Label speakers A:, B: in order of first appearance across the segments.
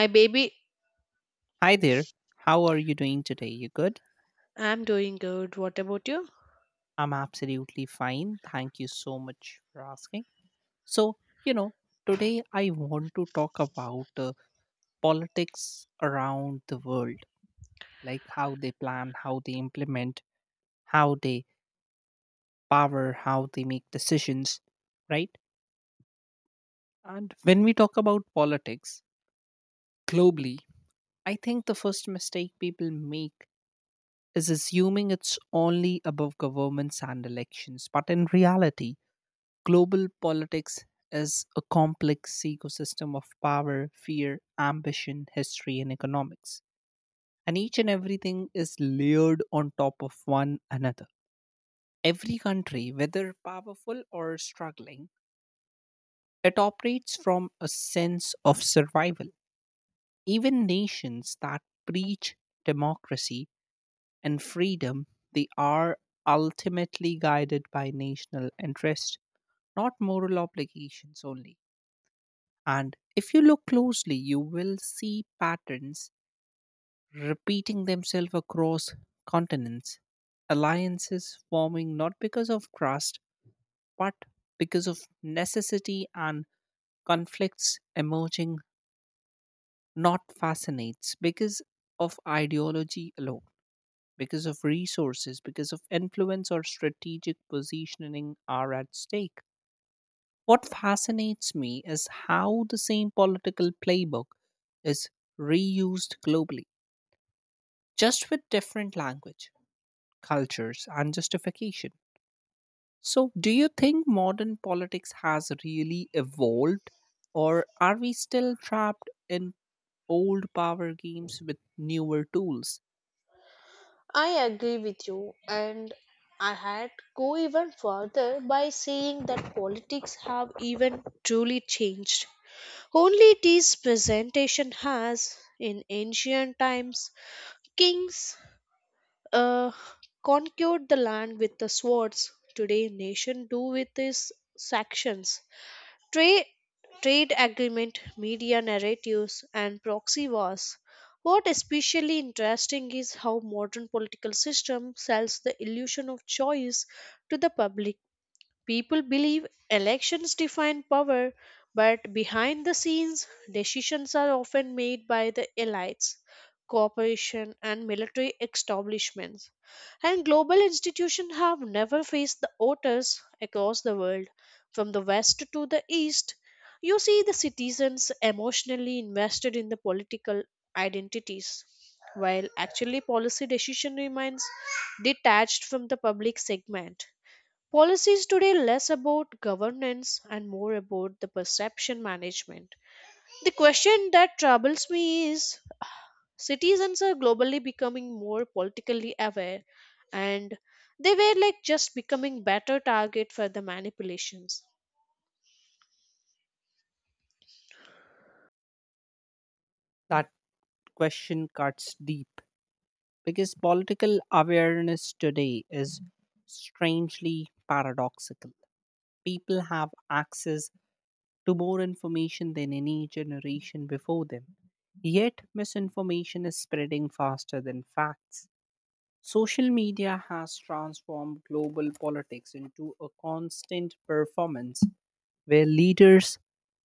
A: My baby,
B: Hi there. How are you doing today? You good?
A: I'm doing good. What about you?
B: I'm absolutely fine. Thank you so much for asking. So, you know, today I want to talk about politics around the world, like how they plan, how they implement, how they power, how they make decisions, right? And when we talk about politics globally, I think the first mistake people make is assuming it's only above governments and elections, but in reality, global politics is a complex ecosystem of power, fear, ambition, history, and economics. And each and everything is layered on top of one another. Every country, whether powerful or struggling, it operates from a sense of survival. Even nations that preach democracy and freedom, they are ultimately guided by national interest, not moral obligations only. And if you look closely, you will see patterns repeating themselves across continents, alliances forming not because of trust, but because of necessity and conflicts emerging, not fascinates, because of ideology alone, because of resources, because of influence or strategic positioning are at stake. What fascinates me is how the same political playbook is reused globally, just with different language, cultures, and justification. So, do you think modern politics has really evolved, or are we still trapped in old power games with newer tools?
A: I agree with you, and I had go even further by saying that politics have even truly changed. Only this presentation has, in ancient times, kings uh, conquered the land with the swords. Today, nation do with these sections. Trade, trade agreement, media narratives, and proxy wars. What especially interesting is how modern political system sells the illusion of choice to the public. People believe elections define power, but behind the scenes, decisions are often made by the elites, corporations, and military establishments. And global institutions have never faced the voters across the world, from the west to the east. You see the citizens emotionally invested in the political identities, while actually policy decision remains detached from the public segment. Policy is today less about governance and more about the perception management. The question that troubles me is citizens are globally becoming more politically aware and they were like just becoming better target for the manipulations.
B: That question cuts deep because political awareness today is strangely paradoxical. People have access to more information than any generation before them. Yet, misinformation is spreading faster than facts. Social media has transformed global politics into a constant performance where leaders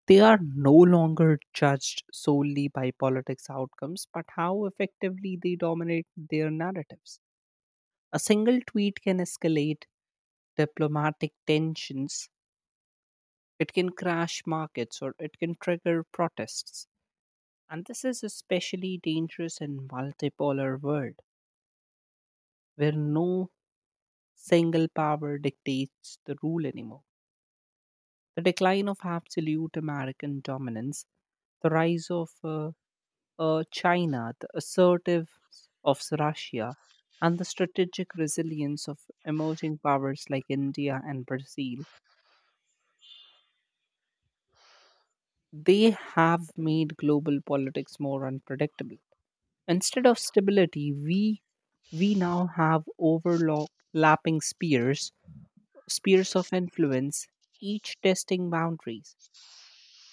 B: they are no longer judged solely by politics outcomes but how effectively they dominate their narratives. A single tweet can escalate diplomatic tensions, it can crash markets or it can trigger protests. And this is especially dangerous in multipolar world where no single power dictates the rule anymore. The decline of absolute American dominance, the rise of China, the assertive of Russia, and the strategic resilience of emerging powers like India and Brazil, they have made global politics more unpredictable. Instead of stability, we now have overlapping spheres, spheres of influence, each testing boundaries.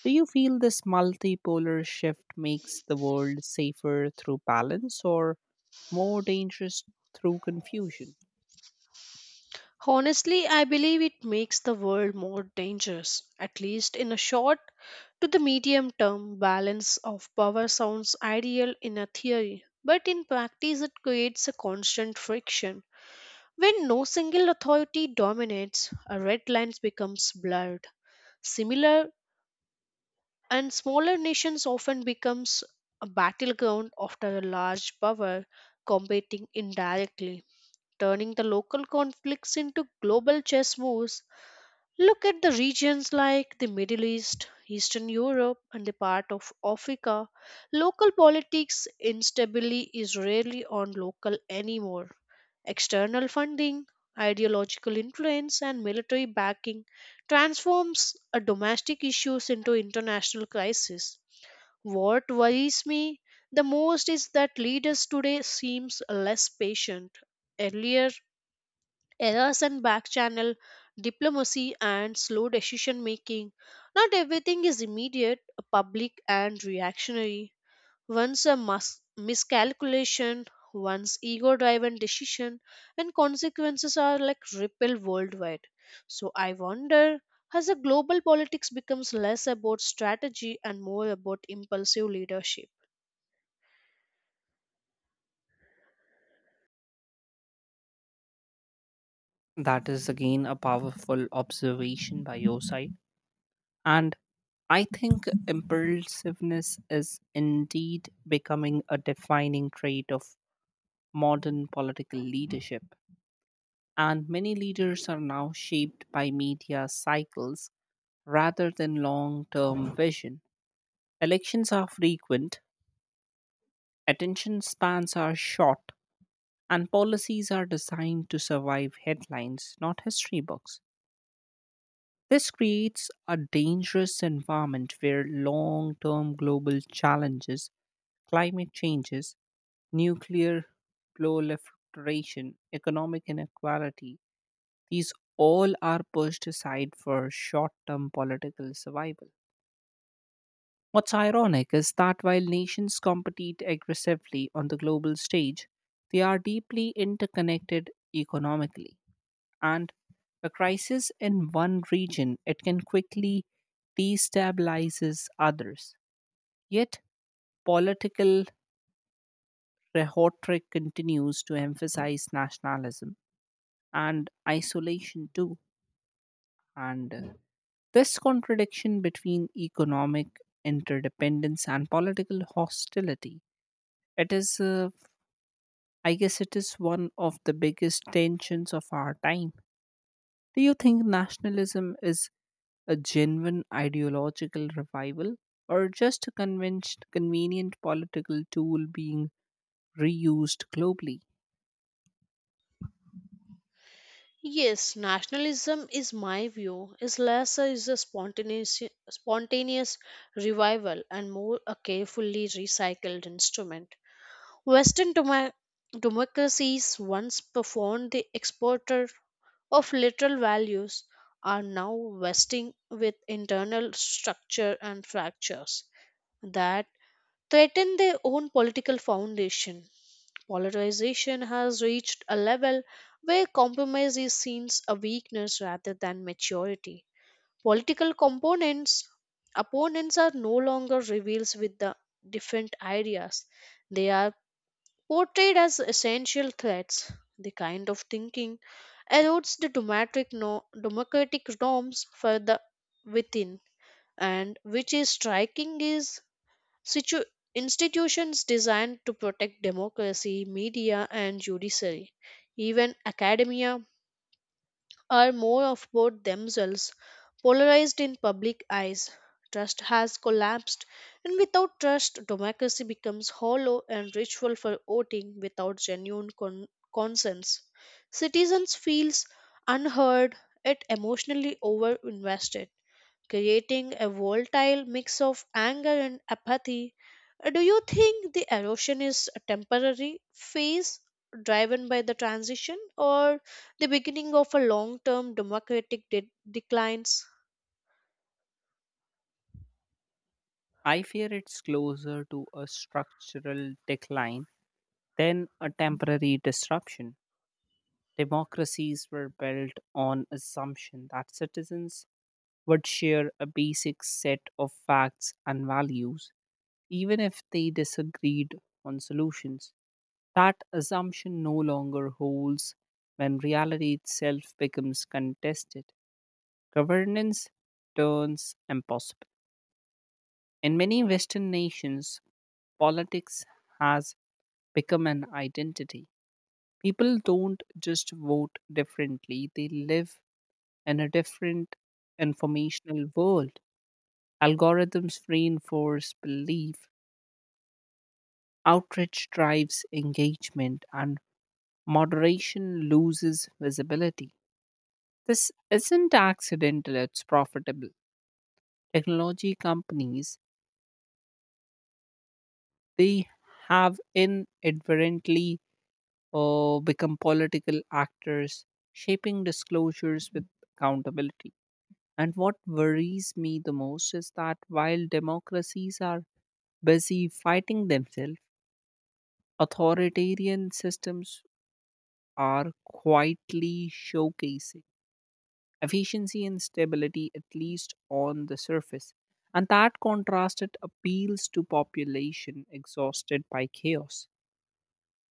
B: Do you feel this multipolar shift makes the world safer through balance or more dangerous through confusion?
A: Honestly, I believe it makes the world more dangerous, at least in a short to the medium term balance of power sounds ideal in a theory, but in practice it creates a constant friction. When no single authority dominates, red lines becomes blurred. Similar and smaller nations often becomes a battleground after a large power competing indirectly turning the local conflicts into global chess moves. Look at the regions like the Middle East, Eastern Europe, and the part of Africa. Local politics instability is rarely on local anymore. External funding, ideological influence, and military backing transforms a domestic issues into international crisis. What worries me the most is that leaders today seems less patient. Earlier, errors and back channel diplomacy and slow decision making not everything is immediate public and reactionary once a miscalculation once ego driven decision and consequences are like ripple worldwide, so I wonder, has a global politics becomes less about strategy and more about impulsive leadership?
B: That is again a powerful observation by your side. And I think impulsiveness is indeed becoming a defining trait of modern political leadership. And many leaders are now shaped by media cycles rather than long term vision. Elections are frequent, attention spans are short, and policies are designed to survive headlines, not history books. This creates a dangerous environment where long term global challenges, climate changes, nuclear proliferation, economic inequality, these all are pushed aside for short term political survival. What's ironic is that while nations compete aggressively on the global stage, they are deeply interconnected economically. And a crisis in one region, it can quickly destabilizes others. Yet, political rhetoric continues to emphasize nationalism and isolation too. And This contradiction between economic interdependence and political hostility, it is, I guess, it is one of the biggest tensions of our time. Do you think nationalism is a genuine ideological revival, or just a convenient political tool being reused globally?
A: Yes, nationalism is my view is less is a spontaneous revival and more a carefully recycled instrument. Western demo- democracies once profound the exporter of literal values are now vesting with internal structure and fractures that threaten their own political foundation. Polarization has reached a level where compromise is seen as a weakness rather than maturity. Political components opponents are no longer revealed with the different ideas. They are portrayed as essential threats. The kind of thinking erodes the democratic, no, democratic norms further within. And which is striking is situ- institutions designed to protect democracy, media, and judiciary, even academia, are more of both themselves polarized in public eyes. Trust has collapsed, and without trust, democracy becomes hollow and ritual for voting without genuine consents. Citizens feels unheard, yet emotionally over-invested creating a volatile mix of anger and apathy. Do you think the erosion is a temporary phase driven by the transition or the beginning of a long term democratic declines?
B: I fear it's closer to a structural decline than a temporary disruption. Democracies were built on assumption that citizens would share a basic set of facts and values, even if they disagreed on solutions. That assumption no longer holds when reality itself becomes contested. Governance turns impossible. In many Western nations, politics has become an identity. People don't just vote differently, they live in a different informational world. Algorithms reinforce belief, outreach drives engagement, and moderation loses visibility. This isn't accidental, it's profitable. Technology companies, they have inadvertently become political actors, shaping disclosures with accountability. And what worries me the most is that while democracies are busy fighting themselves, authoritarian systems are quietly showcasing efficiency and stability, at least on the surface. And that contrast it appeals to population exhausted by chaos.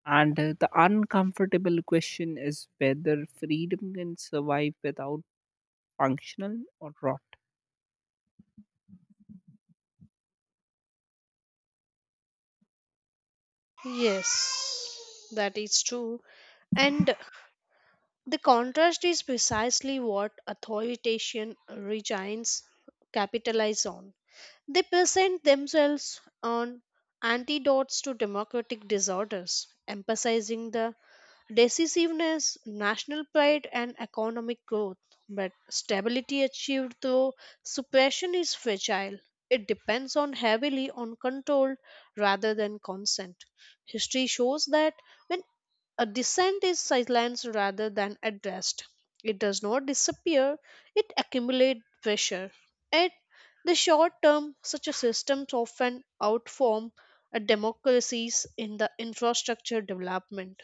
B: And the uncomfortable question is whether freedom can survive without functional or rot.
A: Yes, that is true. And the contrast is precisely what authoritarian regimes capitalize on. They present themselves on antidotes to democratic disorders, emphasizing the decisiveness, national pride, and economic growth. But stability achieved through suppression is fragile. It depends on heavily on control rather than consent. History shows that when a dissent is silenced rather than addressed, it does not disappear, it accumulates pressure. At the short term, such a system often outform a democracies in the infrastructure development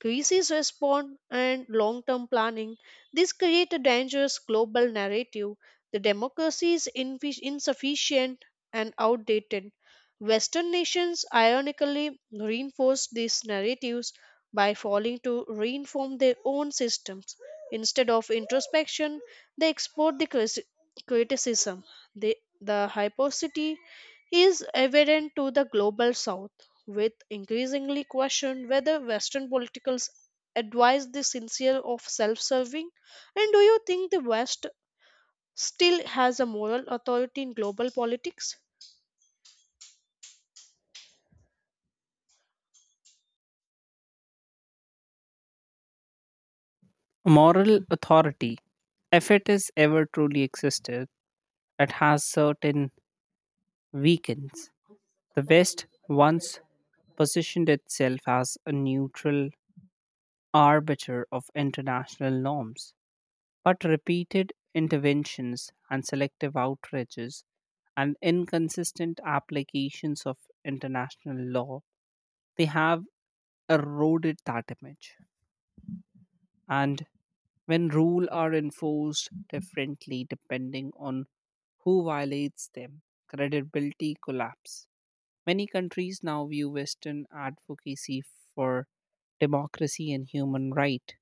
A: crisis response, and long term planning. This creates a dangerous global narrative. The democracy is insufficient and outdated. Western nations ironically reinforce these narratives by falling to reinform their own systems. Instead of introspection, they export the criticism. The, the hypocrisy is evident to the global south with increasingly questioned whether Western politicals advise the sincere of self-serving. And do you think the West still has a moral authority in global politics?
B: Moral authority, if it is ever truly existed, it has certain weakens. The West once positioned itself as a neutral arbiter of international norms, but repeated interventions and selective outrages and inconsistent applications of international law, they have eroded that image. And when rules are enforced differently depending on who violates them, credibility collapses. Many countries now view Western advocacy for democracy and human right,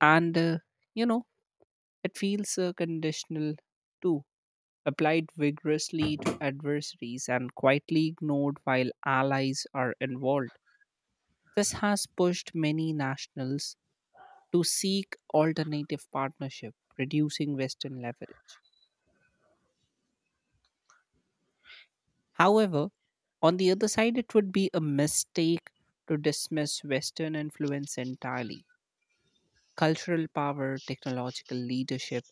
B: and you know it feels conditional too, applied vigorously to adversaries and quietly ignored while allies are involved. This has pushed many nationals to seek alternative partnership, reducing Western leverage. However, on the other side, it would be a mistake to dismiss Western influence entirely cultural power, technological leadership,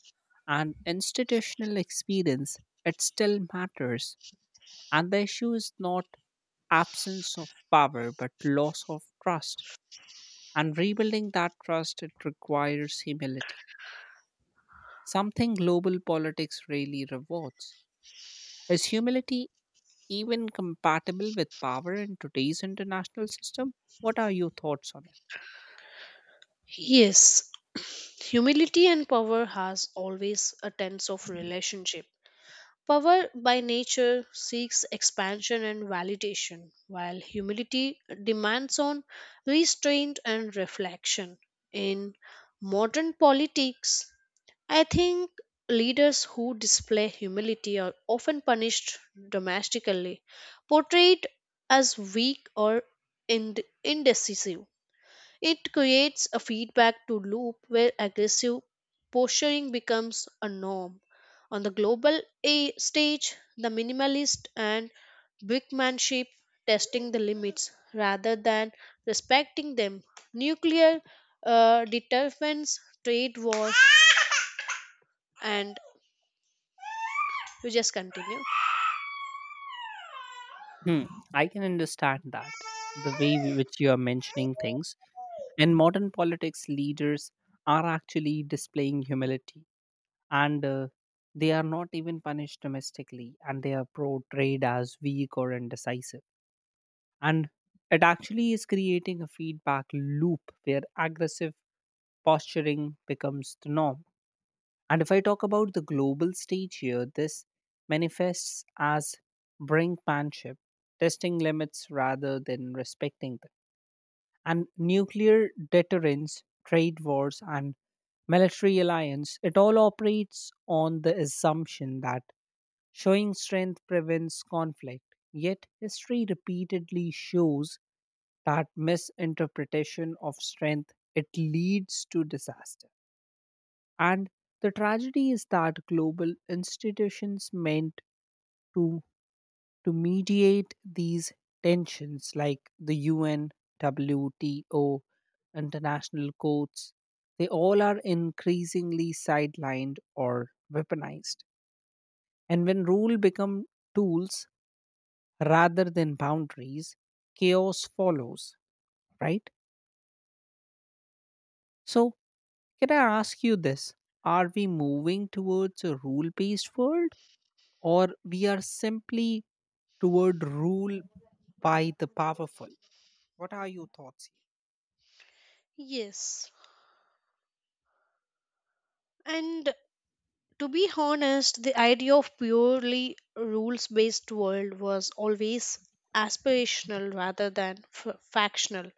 B: and institutional experience, it still matters. And the issue is not absence of power, but loss of trust. And rebuilding that trust, it requires humility, something global politics rarely rewards. Is humility even compatible with power in today's international system? What are your thoughts on it?
A: Yes, humility and power has always a tense of relationship. Power by nature seeks expansion and validation, while humility demands on restraint and reflection. In modern politics, I think leaders who display humility are often punished domestically, portrayed as weak or indecisive. It creates a feedback to loop where aggressive posturing becomes a norm. On the global stage, the minimalist and brickmanship testing the limits rather than respecting them. Nuclear deterrence, trade wars, and you just continue.
B: Hmm, I can understand that the way in which you are mentioning things. In modern politics, leaders are actually displaying humility and they are not even punished domestically and they are portrayed as weak or indecisive. And it actually is creating a feedback loop where aggressive posturing becomes the norm. And if I talk about the global stage here, this manifests as brinkmanship, testing limits rather than respecting them. And nuclear deterrence, trade wars, and military alliance, it all operates on the assumption that showing strength prevents conflict. Yet history repeatedly shows that misinterpretation of strength it leads to disaster. And the tragedy is that global institutions meant to to mediate these tensions, like the UN, WTO, international courts, they all are increasingly sidelined or weaponized. And when rule become tools rather than boundaries, chaos follows, right? So, can I ask you this? Are we moving towards a rule-based world or we are simply toward rule by the powerful? What are your thoughts?
A: Yes. And to be honest, the idea of purely rules based world was always aspirational rather than factional.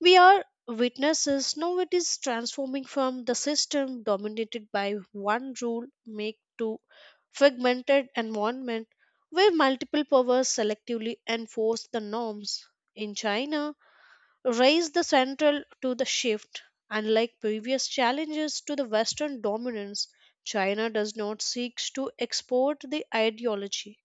A: We are witnesses now it is transforming from the system dominated by one rule make to fragmented environment where multiple powers selectively enforce the norms in china. Raise the central to the shift. Unlike previous challenges to the Western dominance, China does not seek to export the ideology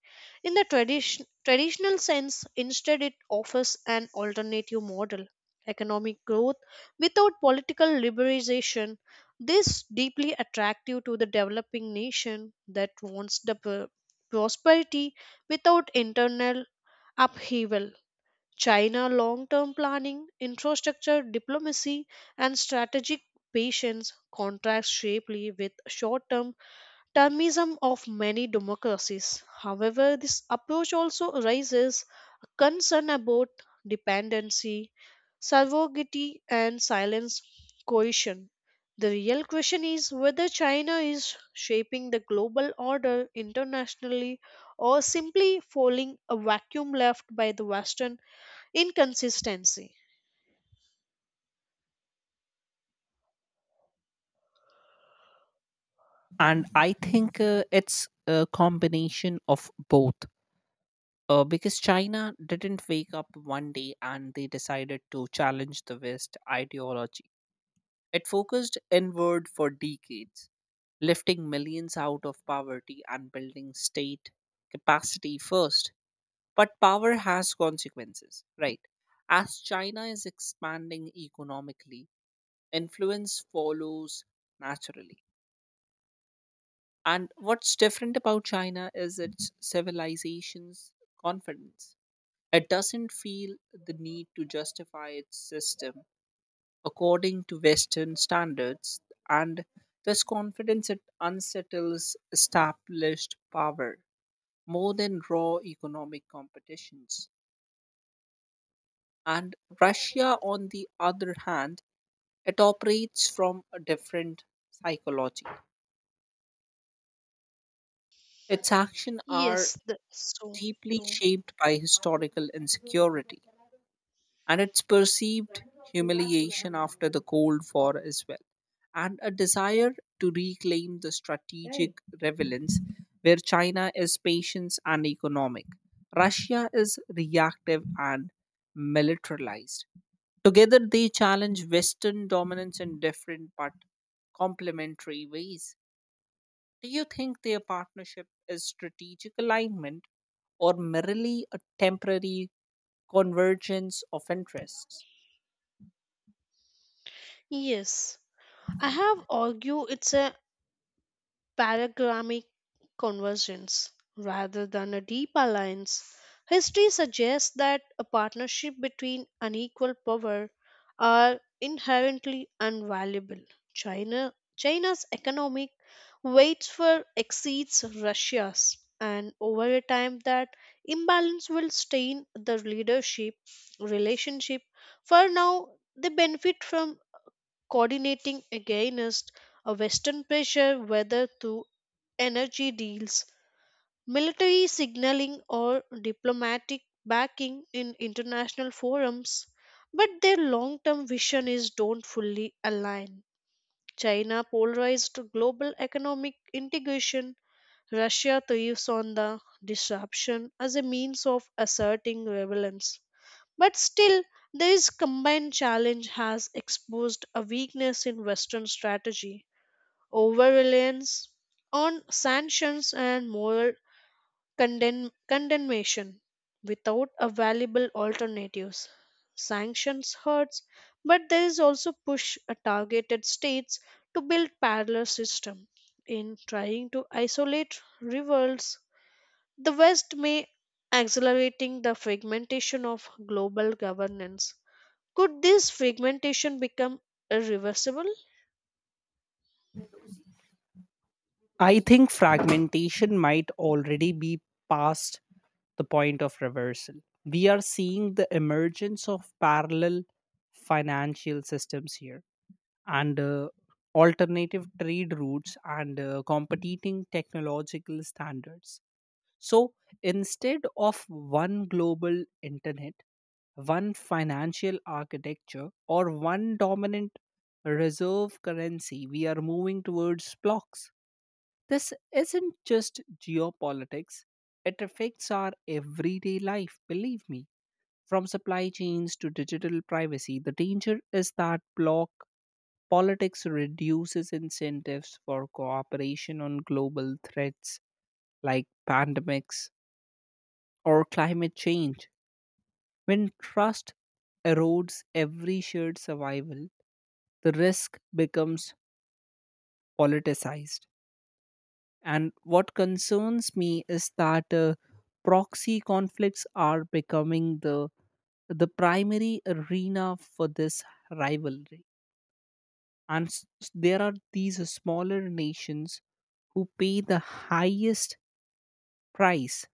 A: in the traditional sense. Instead, it offers an alternative model economic growth without political liberalization. This deeply attractive to the developing nation that wants the prosperity without internal upheaval. China long term planning, infrastructure diplomacy, and strategic patience contrast sharply with short term termism of many democracies. However, this approach also raises a concern about dependency, surrogacy, and silence coercion. The real question is whether China is shaping the global order internationally or simply filling a vacuum left by the Western inconsistency.
B: And I think it's a combination of both. Because China didn't wake up one day and they decided to challenge the west ideology. It focused inward for decades lifting millions out of poverty and building state capacity first. But power has consequences, right? As China is expanding economically influence follows naturally. And what's different about China is its civilization's confidence. It doesn't feel the need to justify its system according to Western standards, and this confidence it unsettles established power more than raw economic competitions. And Russia, on the other hand, it operates from a different psychology. Its action are
A: Yes, that's so
B: deeply
A: true.
B: shaped by historical insecurity and its perceived humiliation after the Cold War as well, and a desire to reclaim the strategic relevance where China is patient and economic. Russia is reactive and militarized. Together, they challenge Western dominance in different but complementary ways. Do you think their partnership is strategic alignment or merely a temporary convergence of interests?
A: Yes, I have argued it's a paragramic convergence rather than a deep alliance. History suggests that a partnership between unequal power are inherently unvaluable. China's economic weights for exceeds Russia's and over a time that imbalance will stain the leadership relationship. For now they benefit from coordinating against a Western pressure, whether through energy deals, military signaling, or diplomatic backing in international forums, but their long term vision is don't fully align. China polarized global economic integration. Russia thrives on the disruption as a means of asserting relevance. But still, this combined challenge has exposed a weakness in Western strategy over reliance on sanctions and moral condemnation without a valuable alternatives. Sanctions hurts, but there is also push a targeted states to build parallel system. In trying to isolate revolts, the West may accelerating the fragmentation of global governance. Could this fragmentation become irreversible?
B: I think fragmentation might already be past the point of reversal. We are seeing the emergence of parallel financial systems here and alternative trade routes and competing technological standards. So instead of one global internet, one financial architecture, or one dominant reserve currency, we are moving towards blocks. This isn't just geopolitics, it affects our everyday life, believe me. From supply chains to digital privacy, the danger is that block politics reduces incentives for cooperation on global threats like pandemics or climate change. When trust erodes every shared survival, the risk becomes politicized. And what concerns me is that proxy conflicts are becoming the primary arena for this rivalry. And there are these smaller nations who pay the highest price,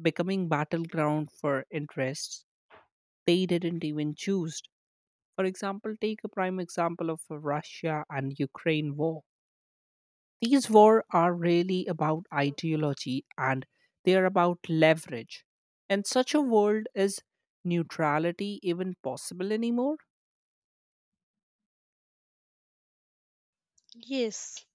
B: becoming battleground for interests they didn't even choose. For example, take a prime example of Russia and Ukraine war. These wars are really about ideology and they are about leverage. In such a world, is neutrality even possible anymore?
A: Yes.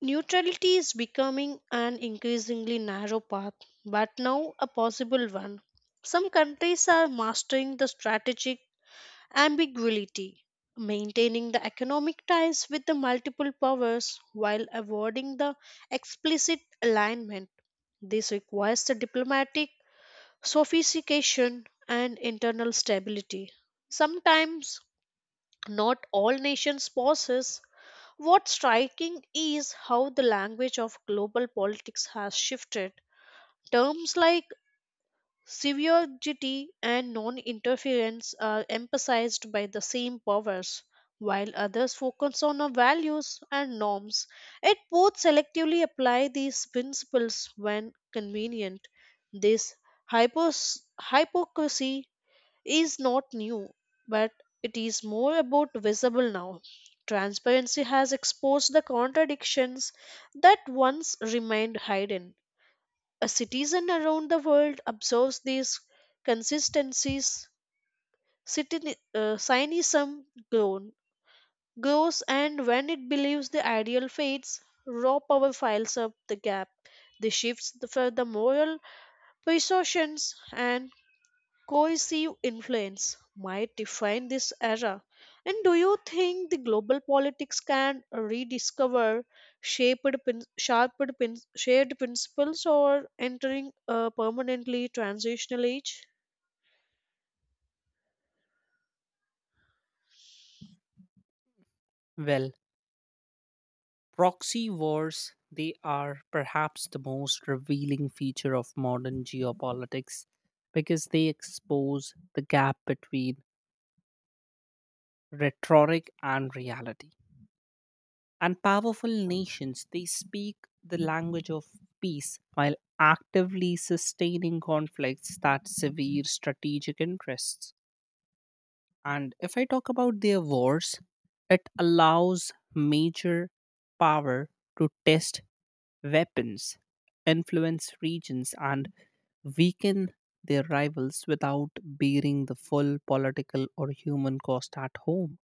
A: Neutrality is becoming an increasingly narrow path, but now a possible one. Some countries are mastering the strategic ambiguity, maintaining the economic ties with the multiple powers while avoiding the explicit alignment. This requires the diplomatic sophistication and internal stability. Sometimes not all nations possess. What's striking is how the language of global politics has shifted. Terms like severity and non interference are emphasized by the same powers, while others focus on our values and norms. Yet both selectively apply these principles when convenient. This hypocrisy is not new, but it is more about visible now. Transparency has exposed the contradictions that once remained hidden. A citizen around the world observes these consistencies. Cynism grown, grows, and when it believes the ideal fades, raw power fills up the gap. The shifts for the moral persuasions and coercive influence might define this era. And do you think the global politics can rediscover shaped, prin- sharpened, prin- shared principles or entering a permanently transitional age?
B: Well, proxy wars they are perhaps the most revealing feature of modern geopolitics because they expose the gap between rhetoric and reality. And powerful nations, they speak the language of peace while actively sustaining conflicts that severe strategic interests. And if I talk about their wars, it allows major power to test weapons, influence regions, and weaken their rivals without bearing the full political or human cost at home.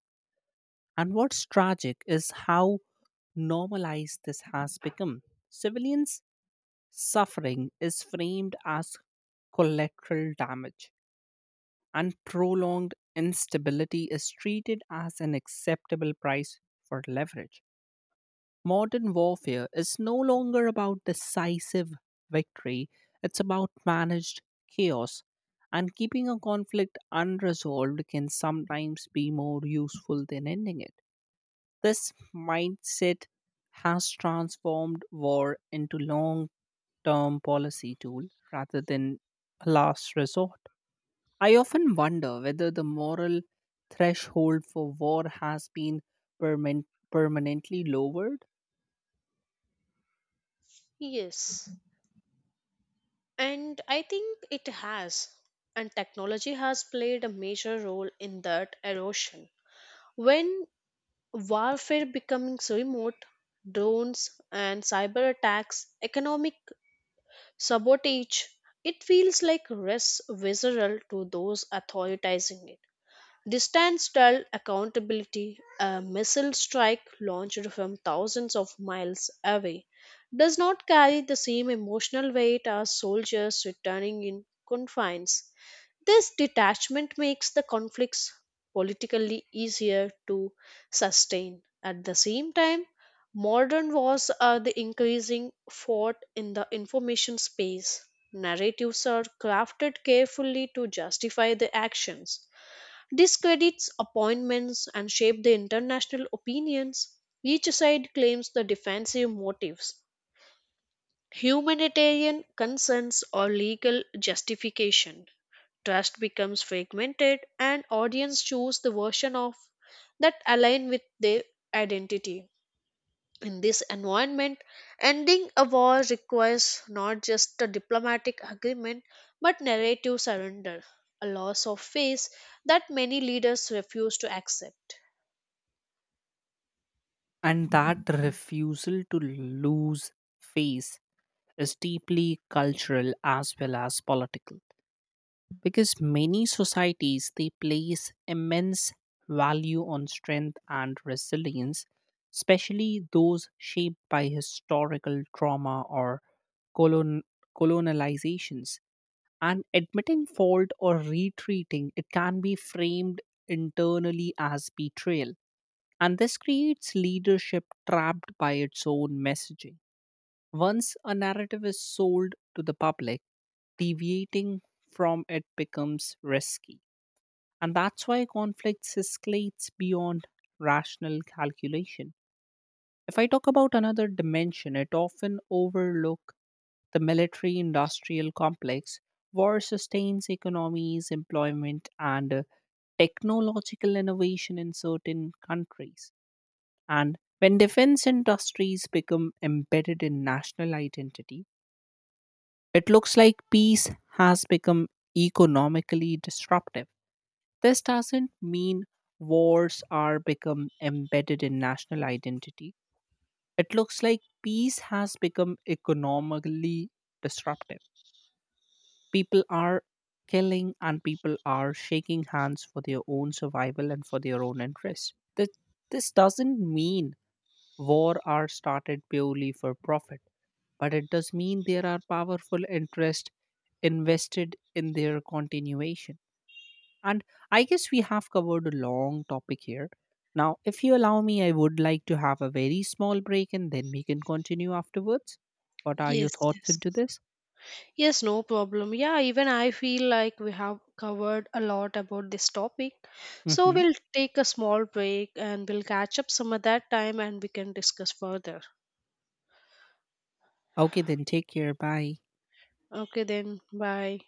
B: And what's tragic is how normalized this has become. Civilians' suffering is framed as collateral damage, and prolonged instability is treated as an acceptable price for leverage. Modern warfare is no longer about decisive victory, it's about managed chaos. And keeping a conflict unresolved can sometimes be more useful than ending it. This mindset has transformed war into long term policy tool rather than a last resort. I often wonder whether the moral threshold for war has been perman- permanently lowered.
A: Yes, and I think it has, and technology has played a major role in that erosion. When warfare becomes remote, drones and cyber attacks, economic sabotage. It feels like res visceral to those authorizing it. Distance style accountability, a missile strike launched from thousands of miles away, does not carry the same emotional weight as soldiers returning in confines. This detachment makes the conflicts politically easier to sustain. At the same time, modern wars are the increasing fought in the information space. Narratives are crafted carefully to justify the actions discredits appointments and shape the international opinions. Each side claims the defensive motives, humanitarian concerns, or legal justification. Trust becomes fragmented, and audience choose the version of that align with their identity. In this environment, ending a war requires not just a diplomatic agreement but narrative surrender, a loss of face that many leaders refuse to accept.
B: And that refusal to lose face is deeply cultural as well as political. Because many societies they place immense value on strength and resilience, especially those shaped by historical trauma or colon- colonializations, and admitting fault or retreating it can be framed internally as betrayal. And this creates leadership trapped by its own messaging. Once a narrative is sold to the public, deviating from it becomes risky. And that's why conflicts escalates beyond rational calculation. If I talk about another dimension, it often overlook the military industrial complex. War sustains economies, employment, and technological innovation in certain countries. And when defense industries become embedded in national identity, it looks like peace has become economically disruptive. This doesn't mean wars are become embedded in national identity. It looks like peace has become economically disruptive. People are killing and people are shaking hands for their own survival and for their own interests. This doesn't mean war are started purely for profit, but it does mean there are powerful interests invested in their continuation. And I guess we have covered a long topic here. Now, if you allow me, I would like to have a very small break and then we can continue afterwards. What are your
A: Yes,
B: thoughts
A: yes.
B: into this?
A: Yes, no problem. Yeah, even I feel like we have covered a lot about this topic. So
B: Hmm.
A: we'll take a small break and we'll catch up some at that time and we can discuss further.
B: Okay, then take care. Bye.
A: Okay, then, bye.